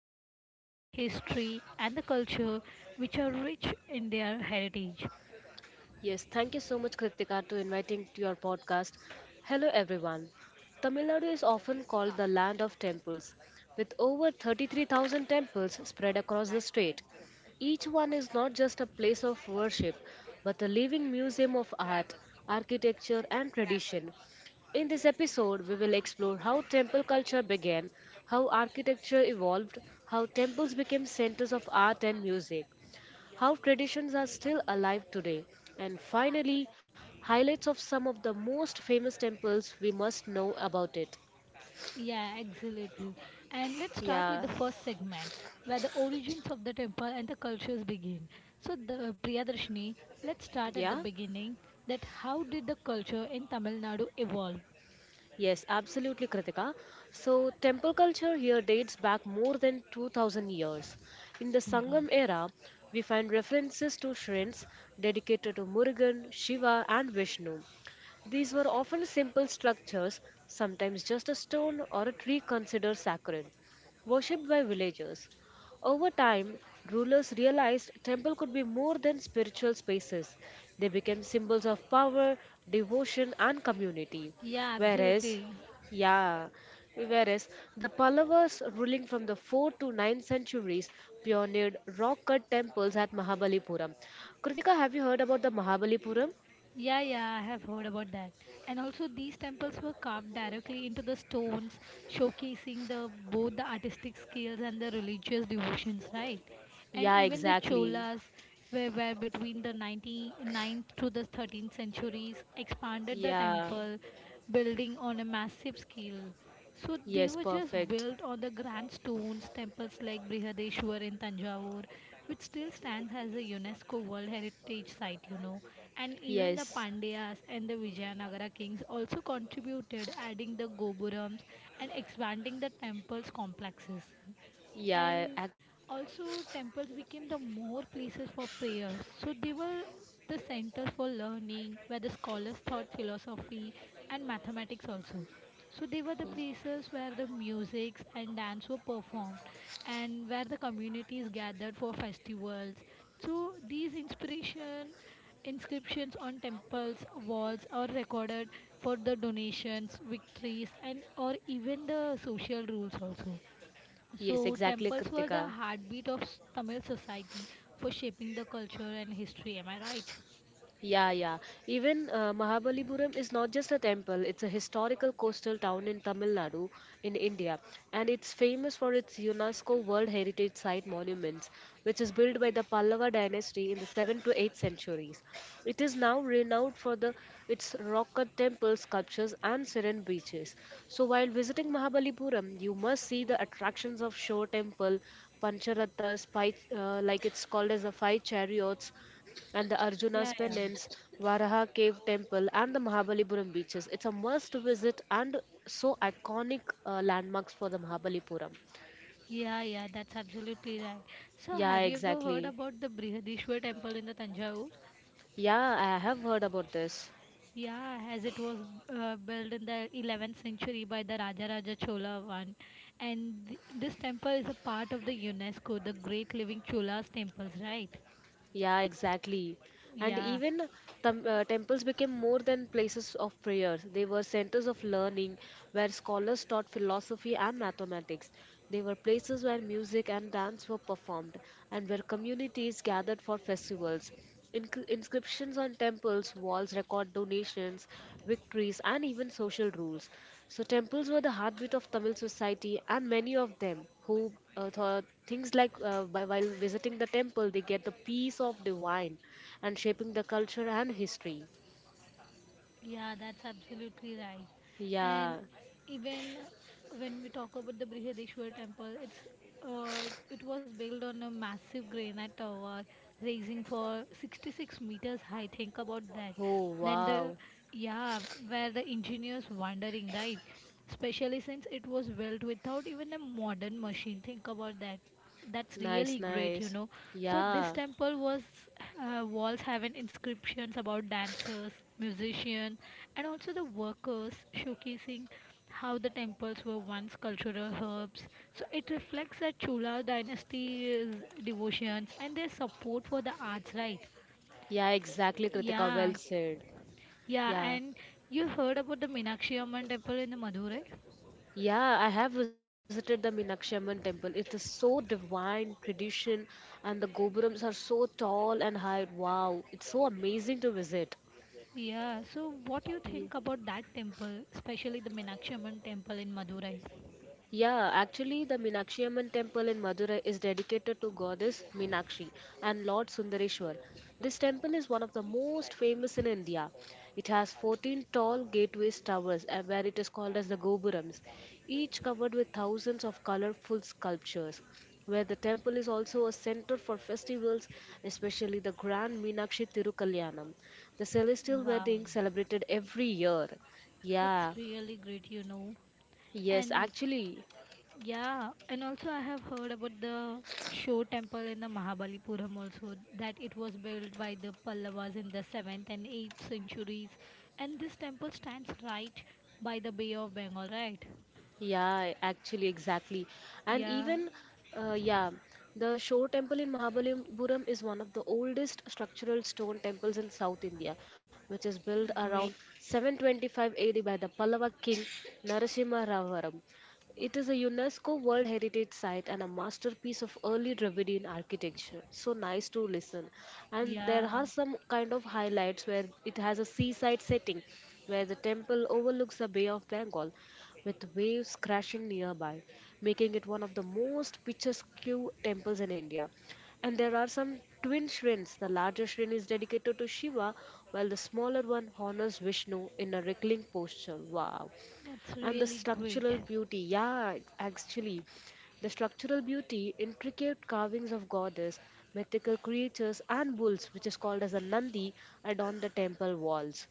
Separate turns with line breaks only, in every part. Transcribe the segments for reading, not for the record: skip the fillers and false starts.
heritage, history, and the culture which are rich in their heritage.
Yes, thank you so much, Kritika, to inviting to your podcast. Hello, everyone. Tamil Nadu is often called the land of temples, with over 33,000 temples spread across the state. Each one is not just a place of worship, but a living museum of art, architecture, and tradition. In this episode, we will explore how temple culture began, how architecture evolved, how temples became centers of art and music, how traditions are still alive today, and finally, highlights of some of the most famous temples we must know about it.
Yeah, absolutely. And let's start with
Yeah,
the first segment, where the origins of the temple and the cultures begin. So, Priyadarshini, let's start at the
yeah.
beginning. That how did the culture in Tamil Nadu evolve?
Yes, absolutely, Kritika. So, temple culture here dates back more than 2000 years. In the
Oh my God.
Sangam era, we find references to shrines dedicated to Murugan, Shiva, and Vishnu. These were often simple structures, sometimes just a stone or a tree considered sacred, worshipped by villagers. Over time, rulers realized temple could be more than spiritual spaces. They became symbols of power, devotion, and community.
Yeah,
Whereas,
absolutely.
yeah, whereas the Pallavas ruling from the 4th to 9th centuries pioneered rock cut temples at Mahabalipuram. Kritika, have you heard about the Mahabalipuram?
Yeah, yeah, I have heard about that. And also, these temples were carved directly into the stones, showcasing the both the artistic skills and the religious devotions, right? And
Yeah,
even the
exactly.
Cholas, where were between the ninth to the 13th centuries, expanded the
Yeah,
temple, building on a massive scale. So they
yes,
were just
perfect.
built on the grand stones, temples like Brihadeshwar in Tanjavur, which still stands as a UNESCO World Heritage Site, you know, and even the
Yes,
Pandyas and the Vijayanagara kings also contributed, adding the Gopurams and expanding the temple's complexes.
yeah,
And
ac-
also temples became the more places for prayers, so they were the centers for learning where the scholars taught philosophy and mathematics also. So they were the places where the musics and dance were performed and where the communities gathered for festivals. So these inspiration inscriptions on temples walls are recorded for the donations, victories, and or even the social rules also.
yes,
So,
exactly,
temples were the
Kritika.
heartbeat of Tamil society for shaping the culture and history. Am I right?
Yeah, yeah. Even Mahabalipuram is not just a temple, it's a historical coastal town in Tamil Nadu in India. And it's famous for its UNESCO World Heritage Site monuments, which is built by the Pallava dynasty in the 7th to 8th centuries. It is now renowned for the its rock cut temple sculptures and serene beaches. So while visiting Mahabalipuram, you must see the attractions of Shore Temple, Pancharathas, five, like it's called as the five chariots, and the Arjuna's
Yeah, yeah.
Penance, Varaha Cave Temple, and the Mahabalipuram beaches. It's a must visit and so iconic landmarks for the Mahabalipuram.
Yeah, yeah, that's absolutely right. So,
Yeah,
have you ever heard
exactly.
about the Brihadishwar temple in the Tanjavur?
Yeah, I have heard about this.
Yeah, as it was built in the 11th century by the Raja Raja Chola one. And this temple is a part of the UNESCO, the Great Living Cholas Temples, right?
Yeah, exactly. And
Yeah.
even temples became more than places of prayers. They were centers of learning where scholars taught philosophy and mathematics. They were places where music and dance were performed and where communities gathered for festivals. Inscriptions on temples' walls record donations, victories, and even social rules. So, temples were the heartbeat of Tamil society, and many of them who thought things like while visiting the temple they get the peace of divine and shaping the culture and history.
Yeah, that's absolutely right. And
Yeah
even when we talk about the Brihadeshwar temple, uh, it was built on a massive granite tower, raising for 66 meters high. Think about that.
oh
Then
wow
yeah, where the engineers wondering, right? Especially since it was built without even a modern machine. Think about that. That's
nice
really great, you
nice
know. So this
yeah
temple was walls having inscriptions about dancers, musicians, and also the workers, showcasing how the temples were once cultural hubs. So it reflects the Chola dynasty's devotions and their support for the arts, right?
yeah exactly kritika
Yeah,
well said
yeah.
yeah
And you heard about the Meenakshi Amman temple in the Madurai?
yeah I have visited the Meenakshi Amman temple. It is so divine tradition and the gopurams are so tall and high. Wow, it's so amazing to visit.
Yeah. So what do you think about that temple, especially the Meenakshi Amman temple in Madurai?
Yeah, actually, the Meenakshi Amman temple in Madurai is dedicated to goddess Meenakshi and Lord Sundareshwar. This temple is one of the most famous in India. It has 14 tall gateways towers, where it is called as the Gopurams, each covered with thousands of colorful sculptures. Where the temple is also a center for festivals, especially the Grand Meenakshi Tirukalyanam, the celestial
Wow,
wedding celebrated every year.
that's
Yeah,
really great, you know.
yes,
And
actually,
yeah, and also I have heard about the Show Temple in the Mahabalipuram also, that it was built by the Pallavas in the 7th and 8th centuries. And this temple stands right by the Bay of Bengal, right?
Yeah, actually, exactly. And
Yeah,
even, uh, yeah, the Shore Temple in Mahabalipuram is one of the oldest structural stone temples in South India, which is built
great.
around 725 AD by the Pallava king Narasimha Ravaram. It is a UNESCO World Heritage Site and a masterpiece of early Dravidian architecture. So nice to listen. And there
Yeah,
are some kind of highlights where it has a seaside setting where the temple overlooks the Bay of Bengal with waves crashing nearby, making it one of the most picturesque temples in India. And there are some twin shrines. The larger shrine is dedicated to Shiva, while the smaller one honors Vishnu in a wriggling posture. Wow.
that's
And the
really great.
structural beauty. Yeah, actually. The structural beauty, intricate carvings of goddess, mythical creatures, and bulls, which is called as a Nandi, adorn the temple walls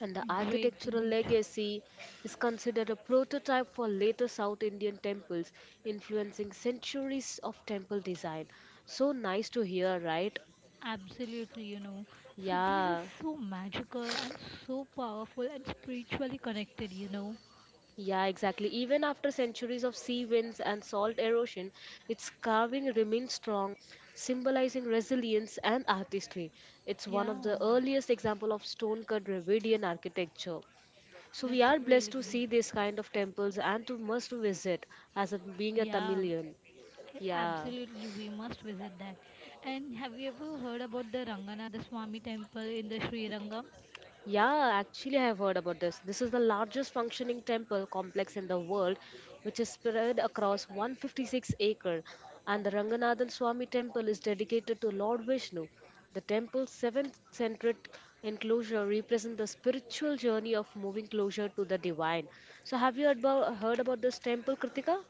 and the
Great,
architectural
great.
legacy is considered a prototype for later South Indian temples, influencing centuries of temple design. So nice to hear, right?
Absolutely, you know. So these are
Yeah.
so magical and so powerful and spiritually connected, you know.
Yeah, exactly. Even after centuries of sea winds and salt erosion, its carving remains strong, symbolizing resilience and artistry. It's one of the
Yeah,
earliest example of stone-cut Dravidian architecture. So we
that's
are
really
blessed to
great.
see this kind of temples and to must visit as a, being a
Yeah,
Tamilian. Yeah.
absolutely. We must visit that. And have you ever heard about the Ranganatha Swami temple in the Sri Rangam?
Yeah, actually I have heard about this. This is the largest functioning temple complex in the world which is spread across 156 acre and the Ranganathan Swami temple is dedicated to Lord Vishnu. The temple's seven-centric enclosure represents the spiritual journey of moving closer to the divine. So have you heard about this temple, Kritika?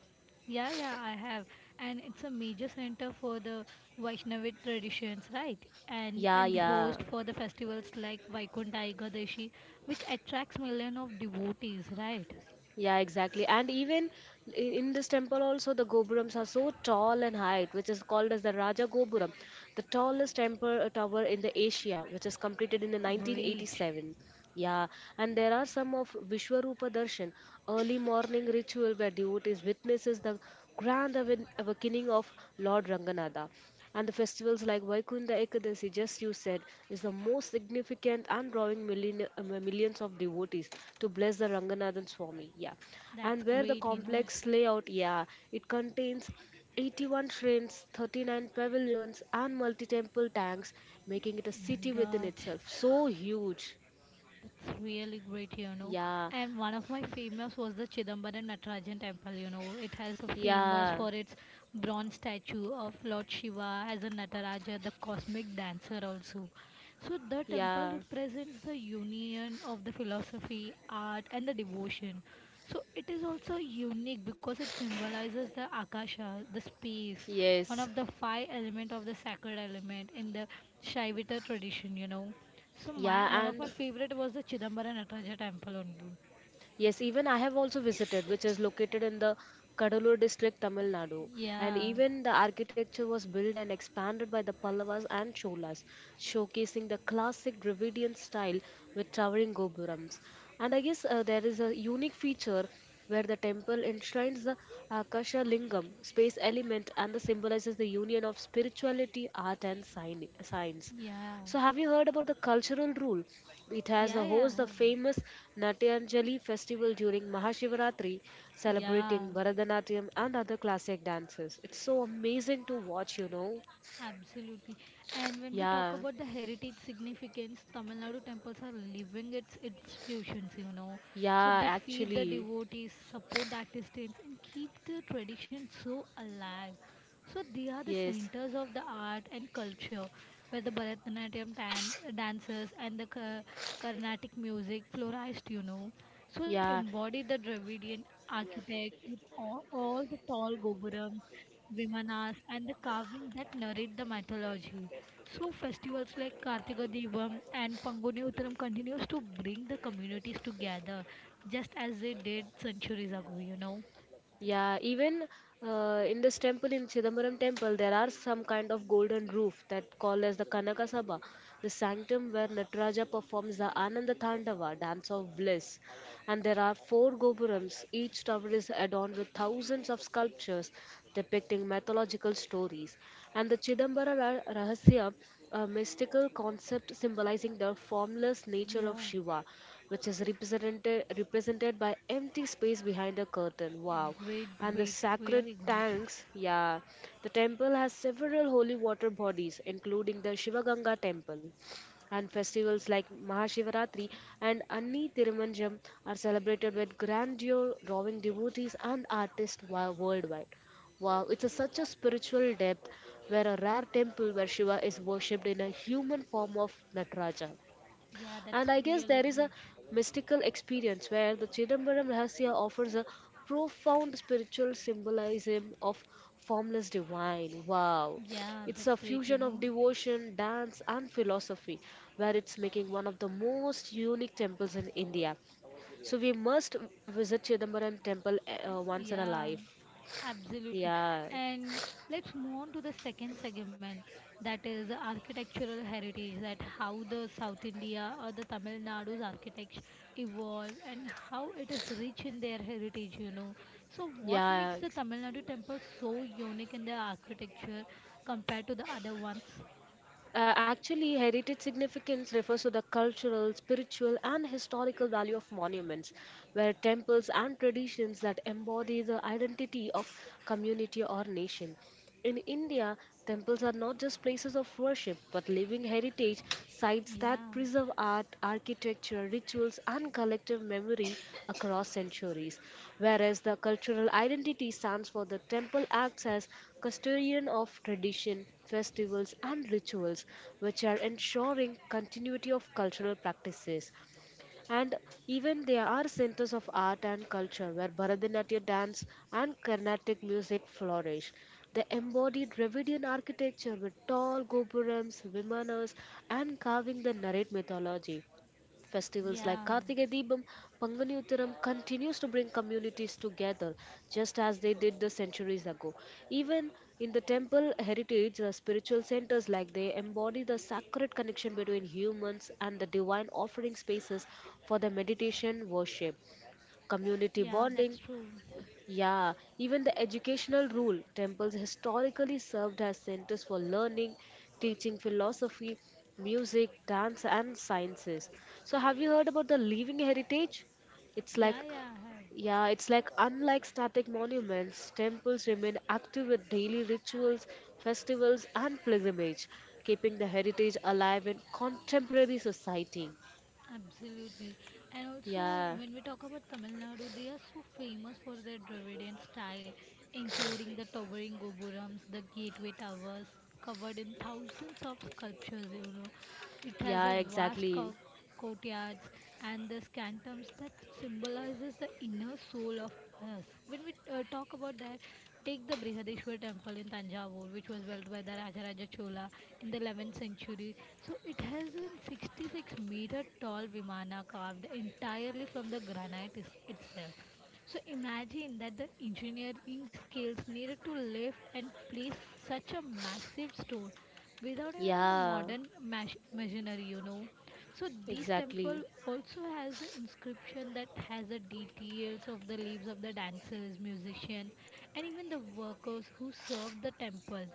Yeah, yeah, I have. And it's a major center for the Vaishnavic traditions, right? And
Yeah,
and
yeah.
host for the festivals like Vaikuntha Ekadashi, which attracts millions of devotees, right?
Yeah, exactly. And even i- in this temple also the gopurams are so tall and height, which is called as the Raja Gopuram, the tallest temple tower in the Asia, which is completed in the
Great.
1987. Yeah, and there are some of Vishwarupa Darshan, early morning ritual where devotees witnesses the grand awakening of Lord Ranganatha. And the festivals like Vaikunta Ekadashi, just you said, is the most significant and drawing millions of devotees to bless the Ranganathan Swami. Yeah.
That's
And where the
great, you know.
complex layout, yeah, it contains 81 shrines, 39 pavilions, and multi temple tanks, making it a
Oh my
city within
God.
itself. So huge.
It's really great, you know.
Yeah.
And one of my famous was the Chidambaram Natarajan temple, you know. It has a famous
Yeah.
for its bronze statue of Lord Shiva as a Nataraja, the cosmic dancer also. So the temple
Yeah.
represents the union of the philosophy, art, and the devotion. So it is also unique because it symbolizes the akasha, the space, one of
Yes.
the five element of the sacred element in the Shaivita tradition, you know. So my
Yeah,
one of
and
my favorite was the Chidambara Nataraja temple only.
Yes, even I have also visited, which is located in the Kadalur district, Tamil Nadu. And
Yeah,
even the architecture was built and expanded by the Pallavas and Cholas, showcasing the classic Dravidian style with towering gopurams. And I guess there is a unique feature where the temple enshrines the Akasha Lingam, space element, and the symbolizes the union of spirituality, art, and science.
yeah,
So, have you heard about the cultural rule? It has
yeah,
a
yeah,
host
I
the
have-
famous Natyanjali festival during Mahashivaratri,
yeah.
celebrating Bharatanatyam and other classic dances. It's so amazing to watch, you know.
Absolutely. And when we talk
Yeah,
about the heritage significance, Tamil Nadu temples are living its institutions, you know. So
yeah,
they feed the
actually,
devotees, support the artisans, and keep the tradition so alive. So they are the
yes,
centers of the art and culture, where the dancers and the Carnatic music flourished, you know. So they
yeah.
embody the Dravidian architect with all the tall gopurams, Vimanas, and the carving that narrate the mythology. So festivals like Kartika Devam and Panguni Uttaram continues to bring the communities together, just as they did centuries ago, you know.
Yeah, even in this temple, in Chidambaram temple, there are some kind of golden roof that called as the Kanaka Sabha, the sanctum where Nataraja performs the Ananda Tandava, dance of bliss. And there are four gopurams. Each tower is adorned with thousands of sculptures depicting mythological stories. And the Rahasya, a mystical concept symbolizing the formless nature of
Yeah.
Shiva, which is represented by empty space behind a curtain. Wow.
Great,
And the
great,
sacred
really great.
tanks, yeah. The temple has several holy water bodies, including the Shivaganga temple and festivals like Mahashivaratri and Anni Thirumanjam are celebrated with grandeur, drawing devotees and artists worldwide. Wow, it's a, such a spiritual depth where a rare temple where Shiva is worshipped in a human form of Nataraja.
Yeah,
And
that's
I guess there
really
is a
great.
mystical experience where the Chidambaram Rahasya offers a profound spiritual symbolism of formless divine. Wow.
Yeah,
It's a
that's great, you
fusion of
know.
devotion, dance, and philosophy, where it's making one of the most unique temples in India. So we must visit Chidambaram temple once in a
Yeah,
life.
absolutely.
Yeah.
And let's move on to the second segment, that is architectural heritage, that how the South India or the Tamil Nadu's architects evolve and how it is rich in their heritage, you know. So what makes
Yeah,
the Tamil Nadu temple so unique in their architecture compared to the other ones?
Actually, heritage significance refers to the cultural, spiritual, and historical value of monuments, where temples and traditions that embody the identity of community or nation. In India, temples are not just places of worship but living heritage sites
Yeah,
that preserve art, architecture, rituals, and collective memory across centuries. Whereas the cultural identity stands for the temple acts as custodian of tradition, festivals, and rituals, which are ensuring continuity of cultural practices and even there are centers of art and culture where Bharatanatyam dance and Carnatic music flourish. They embodied Dravidian architecture with tall gopurams, vimanas, and carving that narrate mythology. Festivals like
yeah,
Karthika Deepam, Pangani Uttaram continues to bring communities together, just as they did the centuries ago. Even in the temple heritage, the spiritual centers like they embody the sacred connection between humans and the divine offering spaces for the meditation worship, community
yeah, that's
bonding,
true.
yeah, even the educational rule. Temples historically served as centers for learning, teaching philosophy, music, dance, and sciences. So, have you heard about the living heritage? It's
Yeah,
like,
yeah, I have.
yeah, it's like unlike static monuments, temples remain active with daily rituals, festivals, and pilgrimage, keeping the heritage alive in contemporary society.
Absolutely. And also,
Yeah,
when we talk about Tamil Nadu, they are so famous for their Dravidian style, including the towering gopurams, the gateway towers, covered in thousands of sculptures, you know. It has a
yeah, exactly.
courtyards and the scantums that symbolizes the inner soul of yes. When we talk about that, take the Brihadeshwar temple in Tanjavur, which was built by the Rajaraja Chola in the 11th century. So it has a 66-meter tall Vimana carved entirely from the itself. So imagine that the engineering skills needed to lift and place such a massive stone without even a
Yeah,
modern machinery, you know. So this
exactly.
temple also has an inscription that has the details of the lives of the dancers, musicians, and even the workers who served the temples.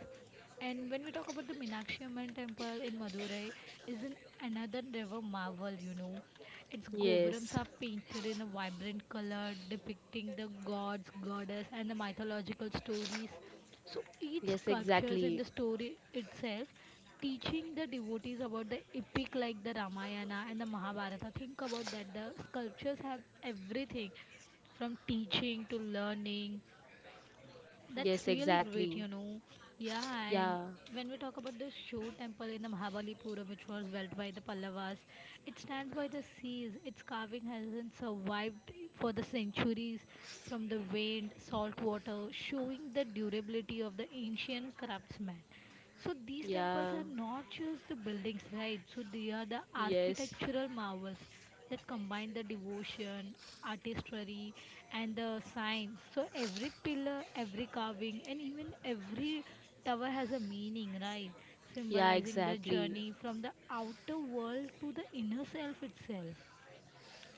And when we talk about the Meenakshi Amman temple in Madurai, is an another river marvel, you know. Its gobrams
Yes.
are painted in a vibrant color, depicting the gods, goddess, and the mythological stories. So each
Yes,
sculptures in
exactly.
the story itself, teaching the devotees about the epic like the Ramayana and the Mahabharata. Think about that. The sculptures have everything from teaching to learning. That's
Yes,
really great,
exactly.
you know. Yeah, and
Yeah.
when we talk about the Shiv temple in the Mahabalipuram, which was built by the Pallavas, it stands by the seas. Its carving hasn't survived for the centuries from the wind, salt water, showing the durability of the ancient craftsman. So these temples
Yeah.
are not just the buildings, right? So they are the
Yes.
architectural marvels that combine the devotion, artistry, and the science. So every pillar, every carving, and even every tower has a meaning, right?
Yeah,
Symbolizing the
exactly.
journey from the outer world to the inner self itself.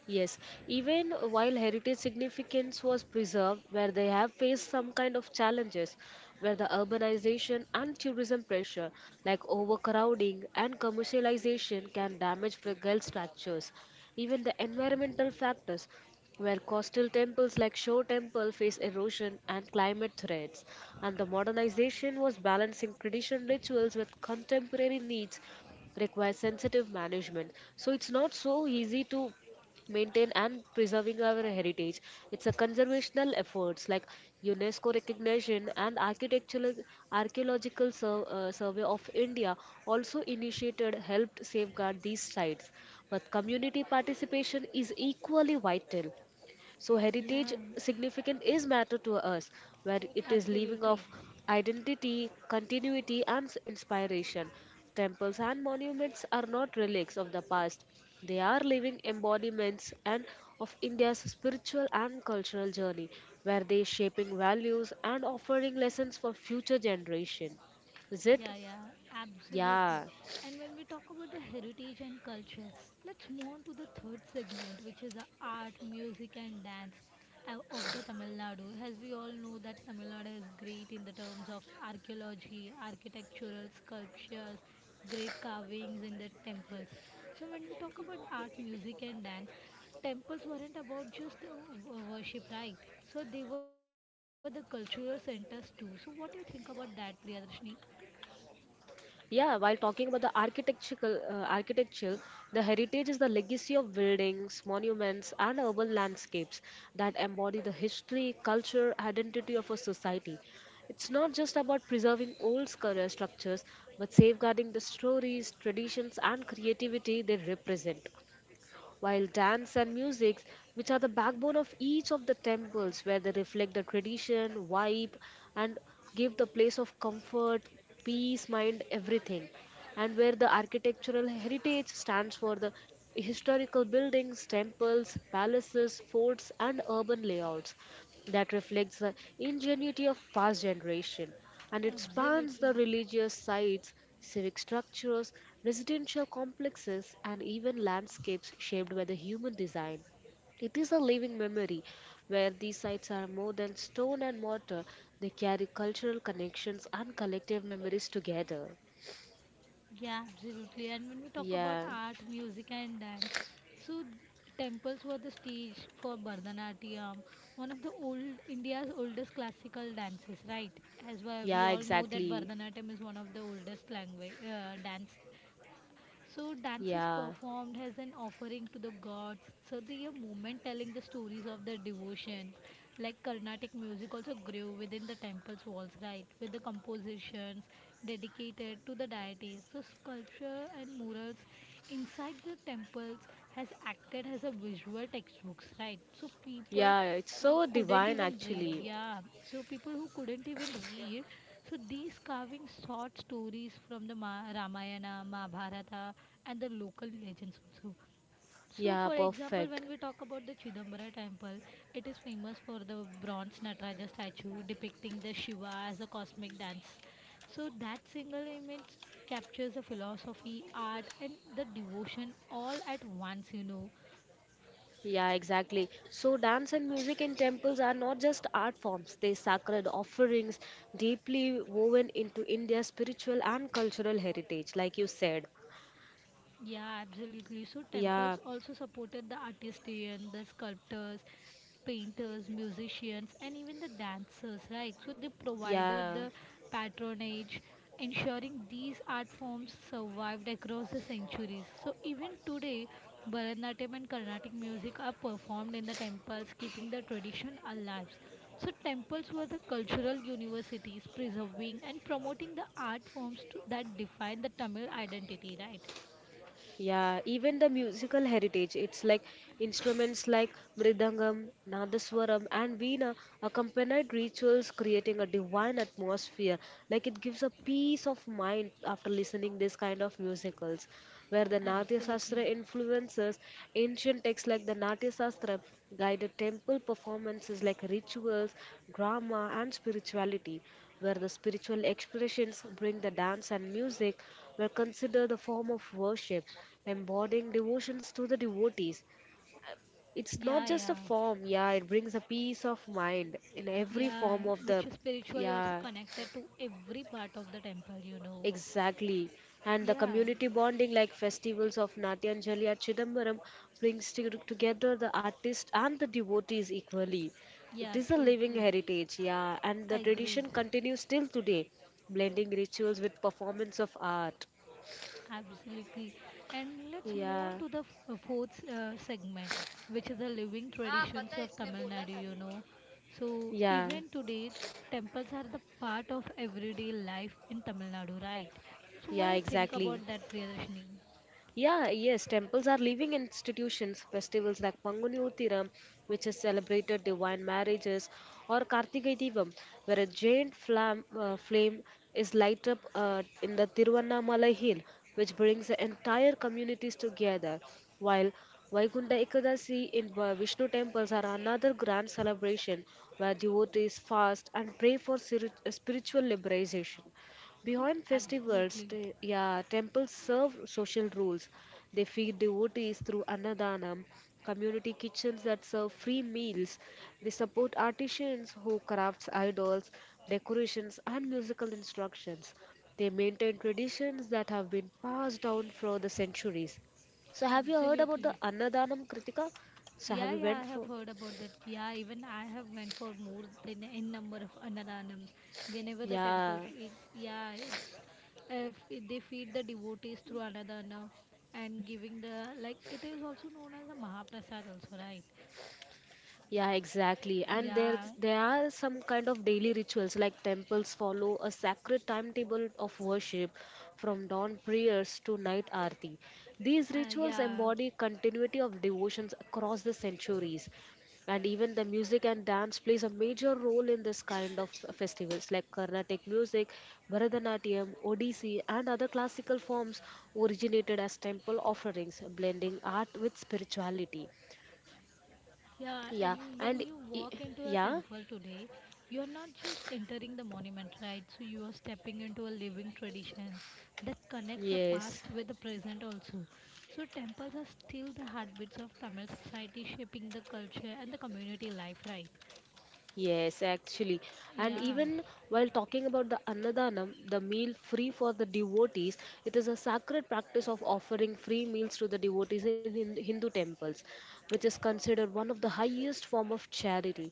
Yes, even while heritage significance was preserved, where they have faced some kind of challenges, where the urbanization and tourism pressure, like overcrowding and commercialization, can damage fragile structures. Even the environmental factors, where coastal temples like Shore Temple face erosion and climate threats, and the modernization was balancing traditional rituals with contemporary needs requires sensitive management so it's not so easy to maintain and preserving our heritage. It's a conservational efforts like UNESCO recognition and architectural survey of India also initiated helped safeguard these sites. But community participation is equally vital. So heritage
Yeah,
significant is matter to us, where it is leaving of
absolutely.
identity, continuity, and inspiration. Temples and monuments are not relics of the past; they are living embodiments and of India's spiritual and cultural journey, where they shaping values and offering lessons for future generation. Is it?
Yeah, yeah, absolutely.
Yeah.
And when we talk about the heritage and culture, let's move on to the third segment, which is the art, music, and dance of the Tamil Nadu. As we all know, that Tamil Nadu is great in the terms of archaeology, architectural sculptures, great carvings in the temples. So when we talk about art, music, and dance, temples weren't about just worship, right? So they were the cultural centers too. So what do you think about that, Priyadarshini?
Yeah, while talking about the architectural architecture, the heritage is the legacy of buildings, monuments, and urban landscapes that embody the history, culture, identity of a society. It's not just about preserving structures, but safeguarding the stories, traditions, and creativity they represent while dance and music, which are the backbone of each of the temples, where they reflect the tradition, vibe, and give the place of comfort, peace, mind, everything. And where the architectural heritage stands for the historical buildings, temples, palaces, forts, and urban layouts that reflects the ingenuity of past generation and it spans
Absolutely.
the religious sites, civic structures, residential complexes, and even landscapes shaped by the human design. It is a living memory where these sites are more than stone and mortar, they carry cultural connections and collective memories together.
Yeah, absolutely. And when we talk about
Yeah,
art, music, and dance, so temples were the stage for Bharatanatyam, one of the old India's oldest classical dances, right? As well, we
yeah,
all know that
exactly.
Bharatanatyam is one of the oldest language dance. So dances
Yeah,
performed as an offering to the gods. So they are movement telling the stories of their devotion. Like Carnatic music also grew within the temple's walls, right? With the compositions dedicated to the deities. So sculpture and murals inside the temples has acted as a visual textbooks, right? So
yeah, it's so divine actually.
people who couldn't even read, so these carvings sought stories from the Ramayana, Mahabharata, and the local legends also. So,
Yeah,
for example,
perfect.
when we talk about the Chidambara temple, it is famous for the bronze Nataraja statue depicting the Shiva as a cosmic dance. So, that single image captures the philosophy, art, and the devotion all at once, you know.
Yeah, exactly. So, dance and music in temples are not just art forms, they sacred offerings deeply woven into India's spiritual and cultural heritage, like you said.
Yeah, absolutely. So
Yeah,
temples also supported the artists, the sculptors, painters, musicians, and even the dancers, right? So they provided
yeah.
the patronage, ensuring these art forms survived across the centuries. So even today, Bharatanatyam and Carnatic music are performed in the temples, keeping the tradition alive. So temples were the cultural universities, preserving and promoting the art forms to, that define the Tamil identity, right?
Yeah, even the musical heritage. It's like instruments like mridangam, nadaswaram, and veena accompanied rituals, creating a divine atmosphere. Like it gives a peace of mind after listening this kind of musicals, where the Natya Shastra
Absolutely.
influences ancient texts like the Natya Shastra guided temple performances like rituals, drama, and spirituality, where the spiritual expressions bring the dance and music were considered a form of worship, embodying devotions to the devotees. It's not
Yeah,
just a
yeah.
form, yeah, it brings a peace of mind in every form
Yeah,
of the,
which is spiritually also
yeah,
connected to every part of the temple, you know.
exactly. And the
Yeah,
community bonding, like festivals of Natyanjali at Chidambaram, brings together the artist and the devotees equally. It
yeah,
is a
true,
living
true.
heritage, yeah, and the
Agreed.
tradition continues till today, blending rituals with performance of art.
Absolutely. And let's move on
Yeah,
to the fourth segment, which is the living traditions of Tamil Nadu, you know. So,
yeah.
even today, temples are the part of everyday life in Tamil Nadu, right? So, what do
Yeah,
you think
exactly.
about that, Priyadashini?
Yeah, yes, temples are living institutions. Festivals like Panguni Uthiram, which is celebrated divine marriages, or Kartike Deepam, where a giant flame is light up in the Tiruvannamalai hill, which brings the entire communities together. While Vaikunta Ekadasi in Vishnu temples are another grand celebration where devotees fast and pray for spiritual liberation. Beyond festivals,
Absolutely.
yeah, temples serve social roles. They feed devotees through annadanam, community kitchens that serve free meals. They support artisans who crafts idols, decorations, and musical instructions. They maintain traditions that have been passed down for the centuries. So, have you heard about the
Absolutely.
annadanam, Kritika? So, have
Yeah,
you
yeah,
went
I have
for?
heard about that. Yeah, even I have went for more than n number of annadanams. Whenever the temple,
Yeah.
it's yeah, it's they feed the devotees through annadana and giving the like it is also known as a mahaprasad also, right?
Yeah, exactly. And there
Yeah,
there are some kind of daily rituals like temples follow a sacred timetable of worship from dawn prayers to night aarti. These rituals
yeah.
embody continuity of devotions across the centuries. And even the music and dance plays a major role in this kind of festivals like Carnatic music, Bharatanatyam, Odissi and other classical forms originated as temple offerings, blending art with spirituality.
Yeah,
Yeah,
and when
and
you
e-
walk into a
yeah,
temple today, you're not just entering the monument, right? So you are stepping into a living tradition that connects the
yes,
past with the present also. So temples are still the heartbeats of Tamil society, shaping the culture and the community life, right?
yes, actually. And
Yeah,
even while talking about the Annadanam, the meal free for the devotees, it is a sacred practice of offering free meals to the devotees in Hindu temples, which is considered one of the highest form of charity.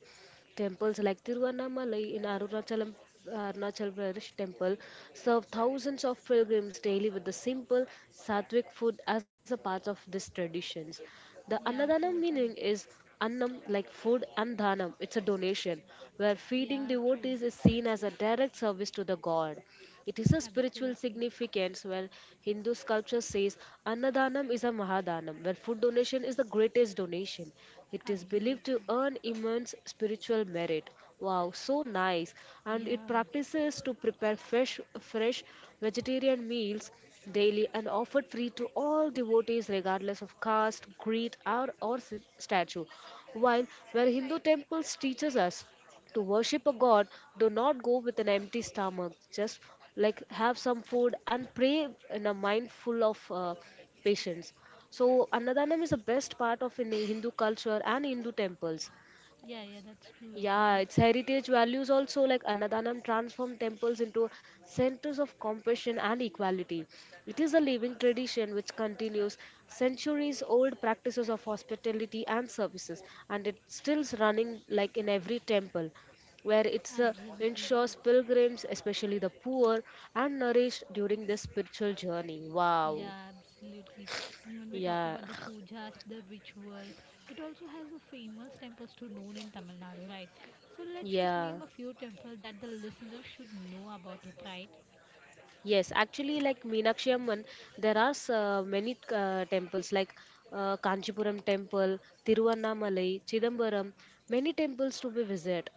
Temples like Tiruvannamalai in Arunachalam, Arunachal Pradesh temple serve thousands of pilgrims daily with the simple sattvic food as a part of these traditions. The
yeah, true,
Annadanam
true.
meaning is Annam like food and Dhanam, it's a donation, where feeding
Yeah, true.
devotees is seen as a direct service to the god. It is a spiritual
Absolutely.
significance where Hindu sculpture says Annadanam is a Mahadanam, where food donation is the greatest donation. It is
Absolutely.
believed to earn immense spiritual merit. Wow, so nice. And it
Yeah,
practices to prepare fresh vegetarian meals daily and offered free to all devotees regardless of caste, creed, or statue. While where Hindu temples teaches us to worship a god do not go with an empty stomach just like have some food and pray in a mind full of patience so annadaanam is the best part of in hindu culture and hindu temples
yeah, yeah, that's true, you know.
yeah, its heritage values also like Annadanam transform temples into centers of compassion and equality. It is a living tradition which continues centuries old practices of hospitality and services and it's still running like in every temple where it
Absolutely.
ensures pilgrims, especially the poor, are nourished during this spiritual journey. Wow.
Yeah, absolutely. And when we talk
Yeah.
about the pujas, the rituals, it also has a famous temples to known in Tamil Nadu, right? So let's just
Yeah.
name a few temples that the listeners should know about it, right?
Yes, actually, like Meenakshi Amman, there are many temples like Kanchipuram temple, Tiruvannamalai, Chidambaram, many temples to be visit.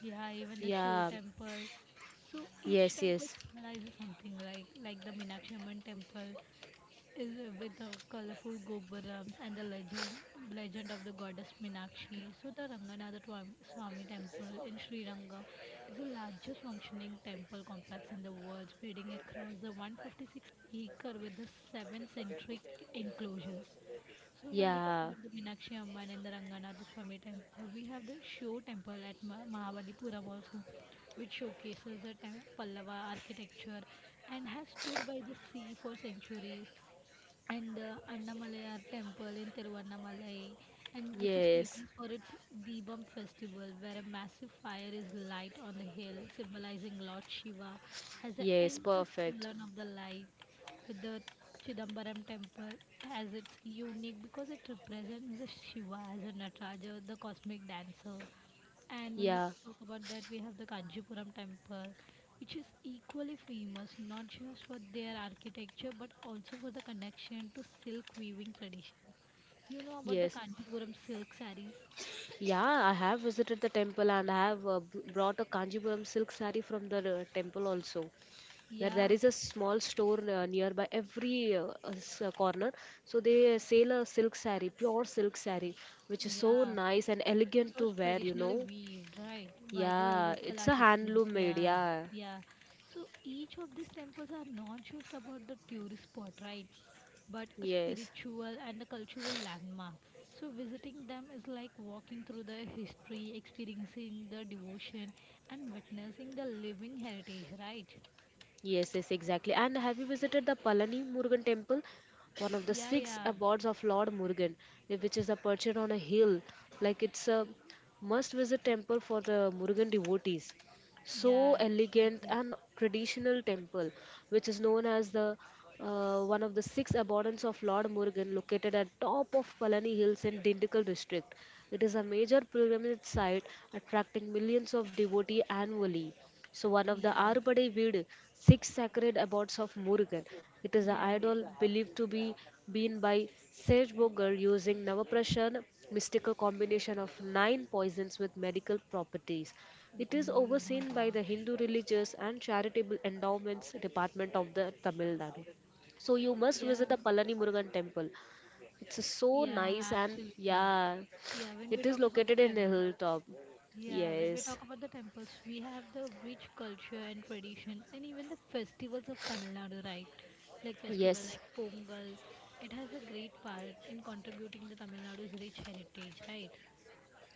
Yeah, even the Show
Yeah,
temple. So each
yes,
temple
yes,
symbolizes something like the Meenakshi Amman temple is with the colorful gopurams and the legend of the goddess Minakshi. So the Swami Temple in Sri Ranga is the largest functioning temple complex in the world, spreading across the 156-acre with the seven centric enclosures. So when we talk
yeah,
about the Minakshi Amman and the Ranganatha Swami Temple, we have the show temple at Mahabalipuram also, which showcases the Pallava architecture and has stood by the sea for centuries, and the Annamalai temple in Tiruvannamalai, and which is
yes,
famous for its Deepam festival, where a massive fire is light on the hill, symbolizing Lord Shiva, has an
yes,
endless
perfect.
column of the light, with the Chidambaram temple as its unique because it represents the Shiva as a Nataraja, the cosmic dancer, and when we
Yeah,
talk about that, we have the Kanchipuram temple, which is equally famous not just for their architecture but also for the connection to silk weaving tradition. You know about the
yes,
Kanchipuram silk sarees?
yeah. I have visited the temple and I have brought a Kanchipuram silk saree from the temple also. Where there is
Yes,
a small store nearby every corner so they sell a silk saree pure silk saree which is so
yeah.
nice and
It
elegant to
was
wear you
traditionally
know
weaved, right, by the
yeah
local
it's a
artisans.
handloom made
Yeah,
yeah
yeah. So each of these temples are not just about the tourist spot, right? But a
yes
spiritual and a cultural landmark. So, visiting them is like walking through the history, experiencing the devotion, and witnessing the living heritage, right?
yes yes exactly and have you visited the palani murugan temple one of the
Yeah,
six
yeah,
abodes of lord murugan which is a perched on a hill like it's a must visit temple for the murugan devotees so
yeah,
elegant
absolutely.
and traditional temple which is known as the one of the 6 abundance of lord murugan located at top of palani hills in dindikal district it is a major pilgrimage site attracting millions of devotees annually so one of the
Yeah,
arbade vid 6 sacred abodes of murugan it is an
yeah,
idol believed to be been by sage boger using navaprashan mystical combination of 9 poisons with medical properties it is
agree. Oh my
overseen by the
gosh.
Hindu Religious and Charitable Endowments Department of the Tamil Nadu. So you must
Yeah,
visit the Palani Murugan temple. It's so nice
yeah,
and
absolutely.
yeah,
Yeah, when we
it is
talk about the
located in the
temples,
hilltop.
yeah, when we
Yes,
talk about the temples, we have the rich culture and traditions, and even the festivals of Tamil Nadu, right? Like festival
yes.
like Pongal, it has a great part in contributing the Tamil Nadu's rich heritage, right?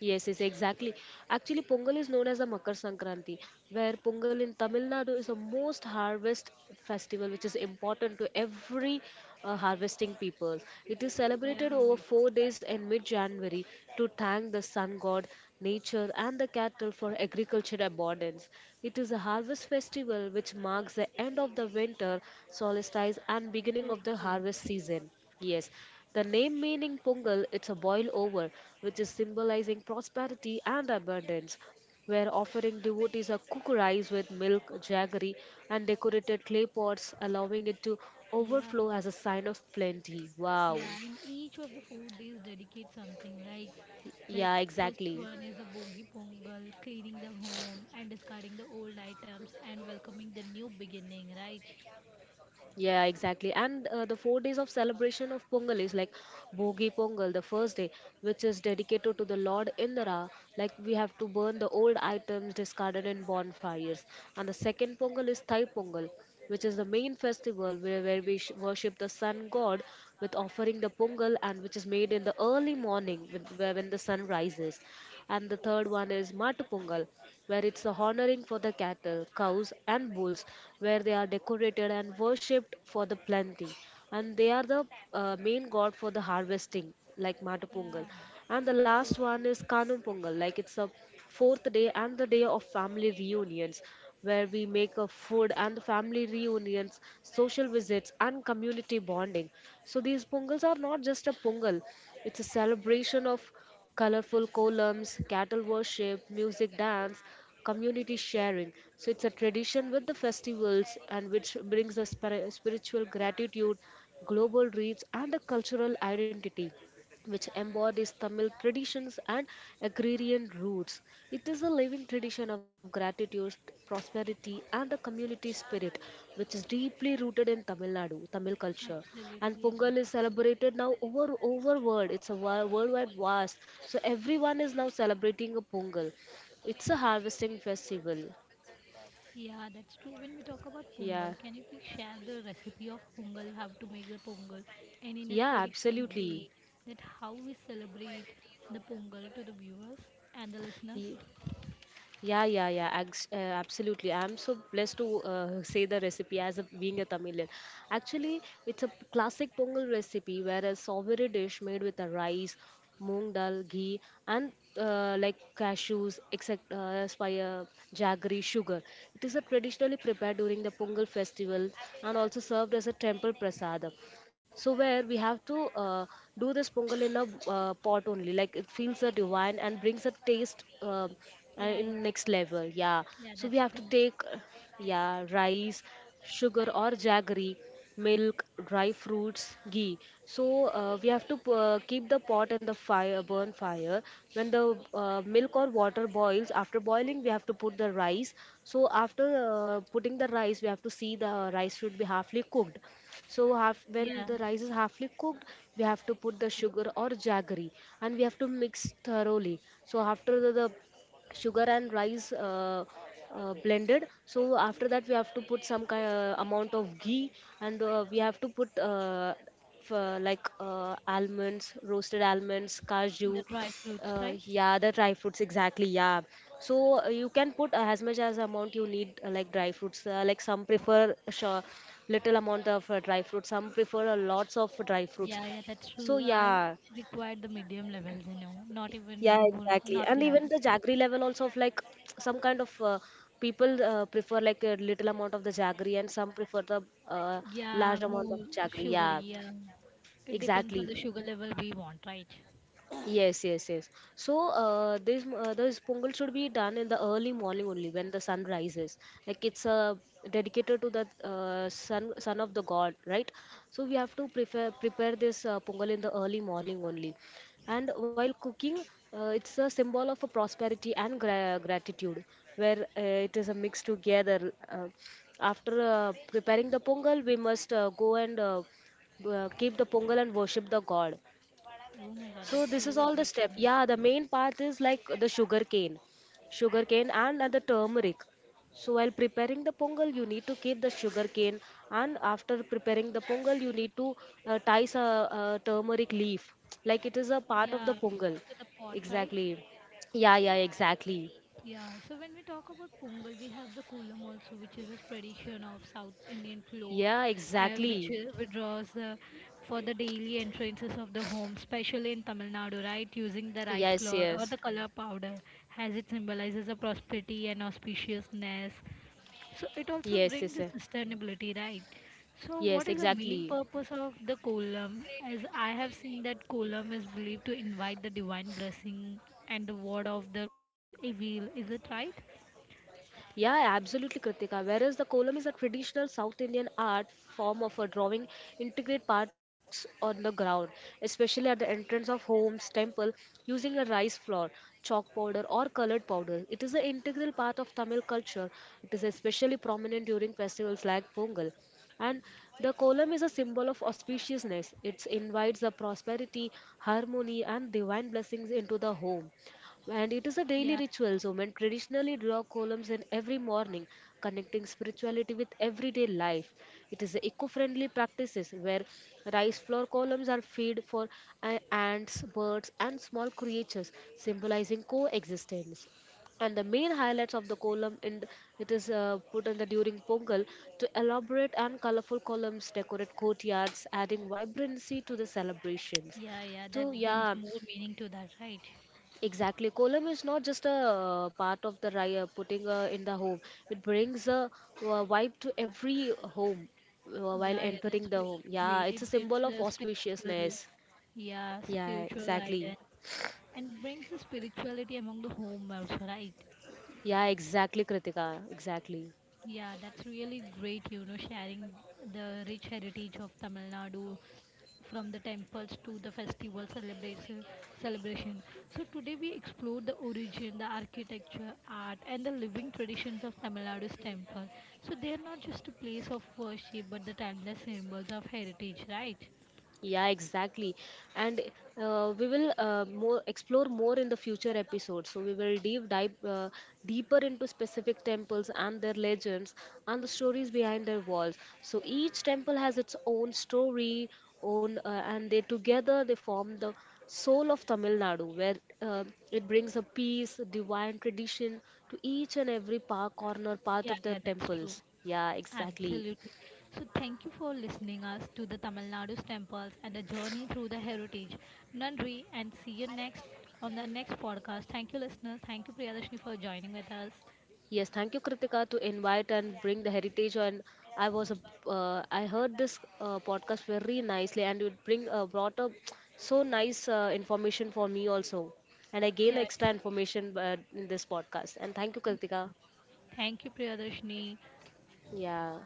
Yes, yes, exactly. Actually, Pongal is known as the Makar Sankranti, where Pongal in Tamil Nadu is the most harvest festival, which is important to every harvesting people. It is
Yeah,
celebrated over 4 days in mid-January to thank the sun god, nature, and the cattle for agriculture abundance. It is a harvest festival which marks the end of the winter solstice and
true,
beginning of the
true.
harvest season. Yes. The name meaning Pongal, it's a boil over, which is symbolizing prosperity and abundance. Where offering devotees a cooked rice with milk, jaggery, and decorated clay pots, allowing it to
Yeah,
overflow as a sign of plenty. Wow.
yeah, and each of the 4 days dedicate something like
Yeah,
first
exactly.
one is a bogi pongal, cleaning the home and discarding the old items and welcoming the new beginning, right?
Yeah, exactly. And the 4 days of celebration of Pongal is like bogi Pongal, the first day, which is dedicated to the Lord Indra. Like we have to burn the old items discarded in bonfires. And the second Pongal is Thai Pongal, which is the main festival where we worship the sun god with offering the Pongal and which is made in the early morning when the sun rises and the third one is Matupungal, where it's a honoring for the cattle, cows, and bulls, where they are decorated and worshipped for the planting, and they are the main god for the harvesting, like Matupungal.
Yeah.
And the last one is Kanum Pungal, like it's a fourth day and the day of family reunions where we make a food and family reunions, social visits, and community bonding. So these pongals are not just a pongal; it's a celebration of colorful columns, cattle worship, music, dance, community sharing. So it's a tradition with the festivals and which brings a spiritual gratitude, global reach, and a cultural identity which embodies Tamil traditions and agrarian roots. It is a living tradition of gratitude, prosperity, and a community spirit, which is deeply rooted in Tamil Nadu, Tamil culture.
Absolutely,
And
absolutely.
Pongal is celebrated now over world. It's a worldwide vast, so everyone is now celebrating a Pongal. It's a harvesting festival.
Yeah, that's true. When we talk about
Yeah,
pongal, can you please share the recipe of pongal, how to make the pongal, and in a
yeah,
traditional
absolutely.
way, that how we celebrate the pongal to the viewers and the listeners?
Yeah, yeah, yeah, absolutely. I'm so blessed to say the recipe as a, being a Tamilian. Actually, it's a classic Pongal recipe where a savory dish made with a rice, moong dal, ghee, and like cashews, except spire, jaggery, sugar. It is a traditionally prepared during the Pongal festival and also served as a temple prasad. So where we have to do this Pongal in a pot only, like it feels a divine and brings a taste.
Yeah,
In
yeah,
next level, yeah.
yeah,
So
that's
we have to
true.
take yeah, rice, sugar or jaggery, milk, dry fruits, ghee. So we have to keep the pot and the fire, burn fire when the milk or water boils. After boiling we have to put the rice. So after putting the rice we have to see the rice should be halfly cooked. So half,
Yeah,
when the rice is halfly cooked we have to put the
okay.
sugar or jaggery, and we have to mix thoroughly. So after the sugar and rice blended, so after that we have to put some kind amount of ghee. And we have to put like almonds, roasted almonds,
The
cashew.
dry fruits, right?
Yeah, the dry fruits, exactly, yeah. So you can put as much as amount you need, like dry fruits, like some prefer, sure, little amount of dry fruits, some prefer a lots of dry fruits,
Yeah, yeah, that's
so
true. I
yeah.
required the medium level, you know, not even
Yeah,
more,
exactly.
not
And even
less.
the jaggery level also, of like some kind of, people prefer like a little amount of the jaggery and some prefer the uh,
Yeah,
large amount
more
of jaggery.
sugary.
Yeah,
Yeah, it depends on
exactly.
the sugar level we want, right?
Yes, yes, yes. So this pongal should be done in the early morning only, when the sun rises. Like it's dedicated to the sun, son of the god, right? So we have to prepare this pongal in the early morning only. And while cooking, it's a symbol of a prosperity and gratitude, where it is a mix together. After preparing the pongal, we must go and keep the pongal and worship the god.
Oh my God,
So
that's
this is
really
all the
great, you
step.
know.
Yeah, the main part is like the sugar cane and the turmeric. So while preparing the pongal, you need to keep the sugar cane, and after preparing the pongal, you need to tie a, turmeric leaf, like it is a part of
Yeah,
the pongal.
to the pot, right?
Exactly. Yeah, yeah, exactly.
Yeah, so when we talk about Pongal, we have the Kolam also, which is a tradition of South Indian floor,
Yeah,
which
exactly.
withdraws the, for the daily entrances of the home, especially in Tamil Nadu, right? Using the rice
Yes,
flour or the
yes,
color powder, as it symbolizes a prosperity and auspiciousness. So it also
yes,
brings
yes, yes,
the sustainability, right? So what
yes,
is the main
exactly.
purpose of the kolam? As I have seen that kolam is believed to invite the divine blessing and the word of the evil. Is it right?
Yeah, absolutely, Kritika. Whereas the kolam is a traditional South Indian art form of a drawing, integrate parts on the ground, especially at the entrance of homes, temple, using a rice flour, chalk powder, or colored powder. It is an integral part of Tamil culture. It is especially prominent during festivals like Pongal. And the kolam is a symbol of auspiciousness. It invites the prosperity, harmony, and divine blessings into the home. And it is a daily
Yeah,
ritual. So, men traditionally draw columns in every morning, connecting spirituality with everyday life. It is eco friendly practices, where rice flour columns are fed for ants, birds, and small creatures, symbolizing coexistence, and the main highlights of the column in it is put in the during pongal, to elaborate and colorful columns decorate courtyards, adding vibrancy to the celebrations,
yeah, yeah. That
so
brings
yeah.
more meaning to that, right?
Exactly. Kolam is not just a part of the ri- putting in the home. It brings a vibe to every home while
Yeah, yeah. That's
entering the
really
home. Yeah,
great.
it's a
It gets
symbol of
the spiritual,
auspiciousness.
yeah,
Yeah,
spiritual
exactly.
guidance and brings the spirituality among the home also, right?
Yeah, exactly, Kritika. Exactly.
Yeah, that's really great, you know, sharing the rich heritage of Tamil Nadu from the temples to the festival celebration. So today we explored the origin, the architecture, art and the living traditions of Tamil Nadu's temple. So they are not just a place of worship but the timeless symbols of heritage, right?
Yeah, exactly. And we will more explore more in the future episodes. So we will deep dive deeper into specific temples and their legends, and the stories behind their walls. So each temple has its own story, own and they together they form the soul of Tamil Nadu, where uh, it brings a peace, divine tradition to each and every park corner part
Yeah,
of the
yeah, that's true.
temples. Yeah, exactly.
Absolutely. So thank you for listening us to the Tamil Nadu's temples and a journey through the heritage. Nandri and see you next on the next podcast. Thank you listeners. Thank you Priyadarshini for joining with us.
Yes, thank you, Kritika, to invite and bring the heritage. And I was, I heard this podcast very nicely, and it bring brought up so nice information for me also, and I gain
Yeah.
extra information in this podcast. And thank you,
Thank
Kritika.
you, Thank you, Priyadarshini.
Yeah.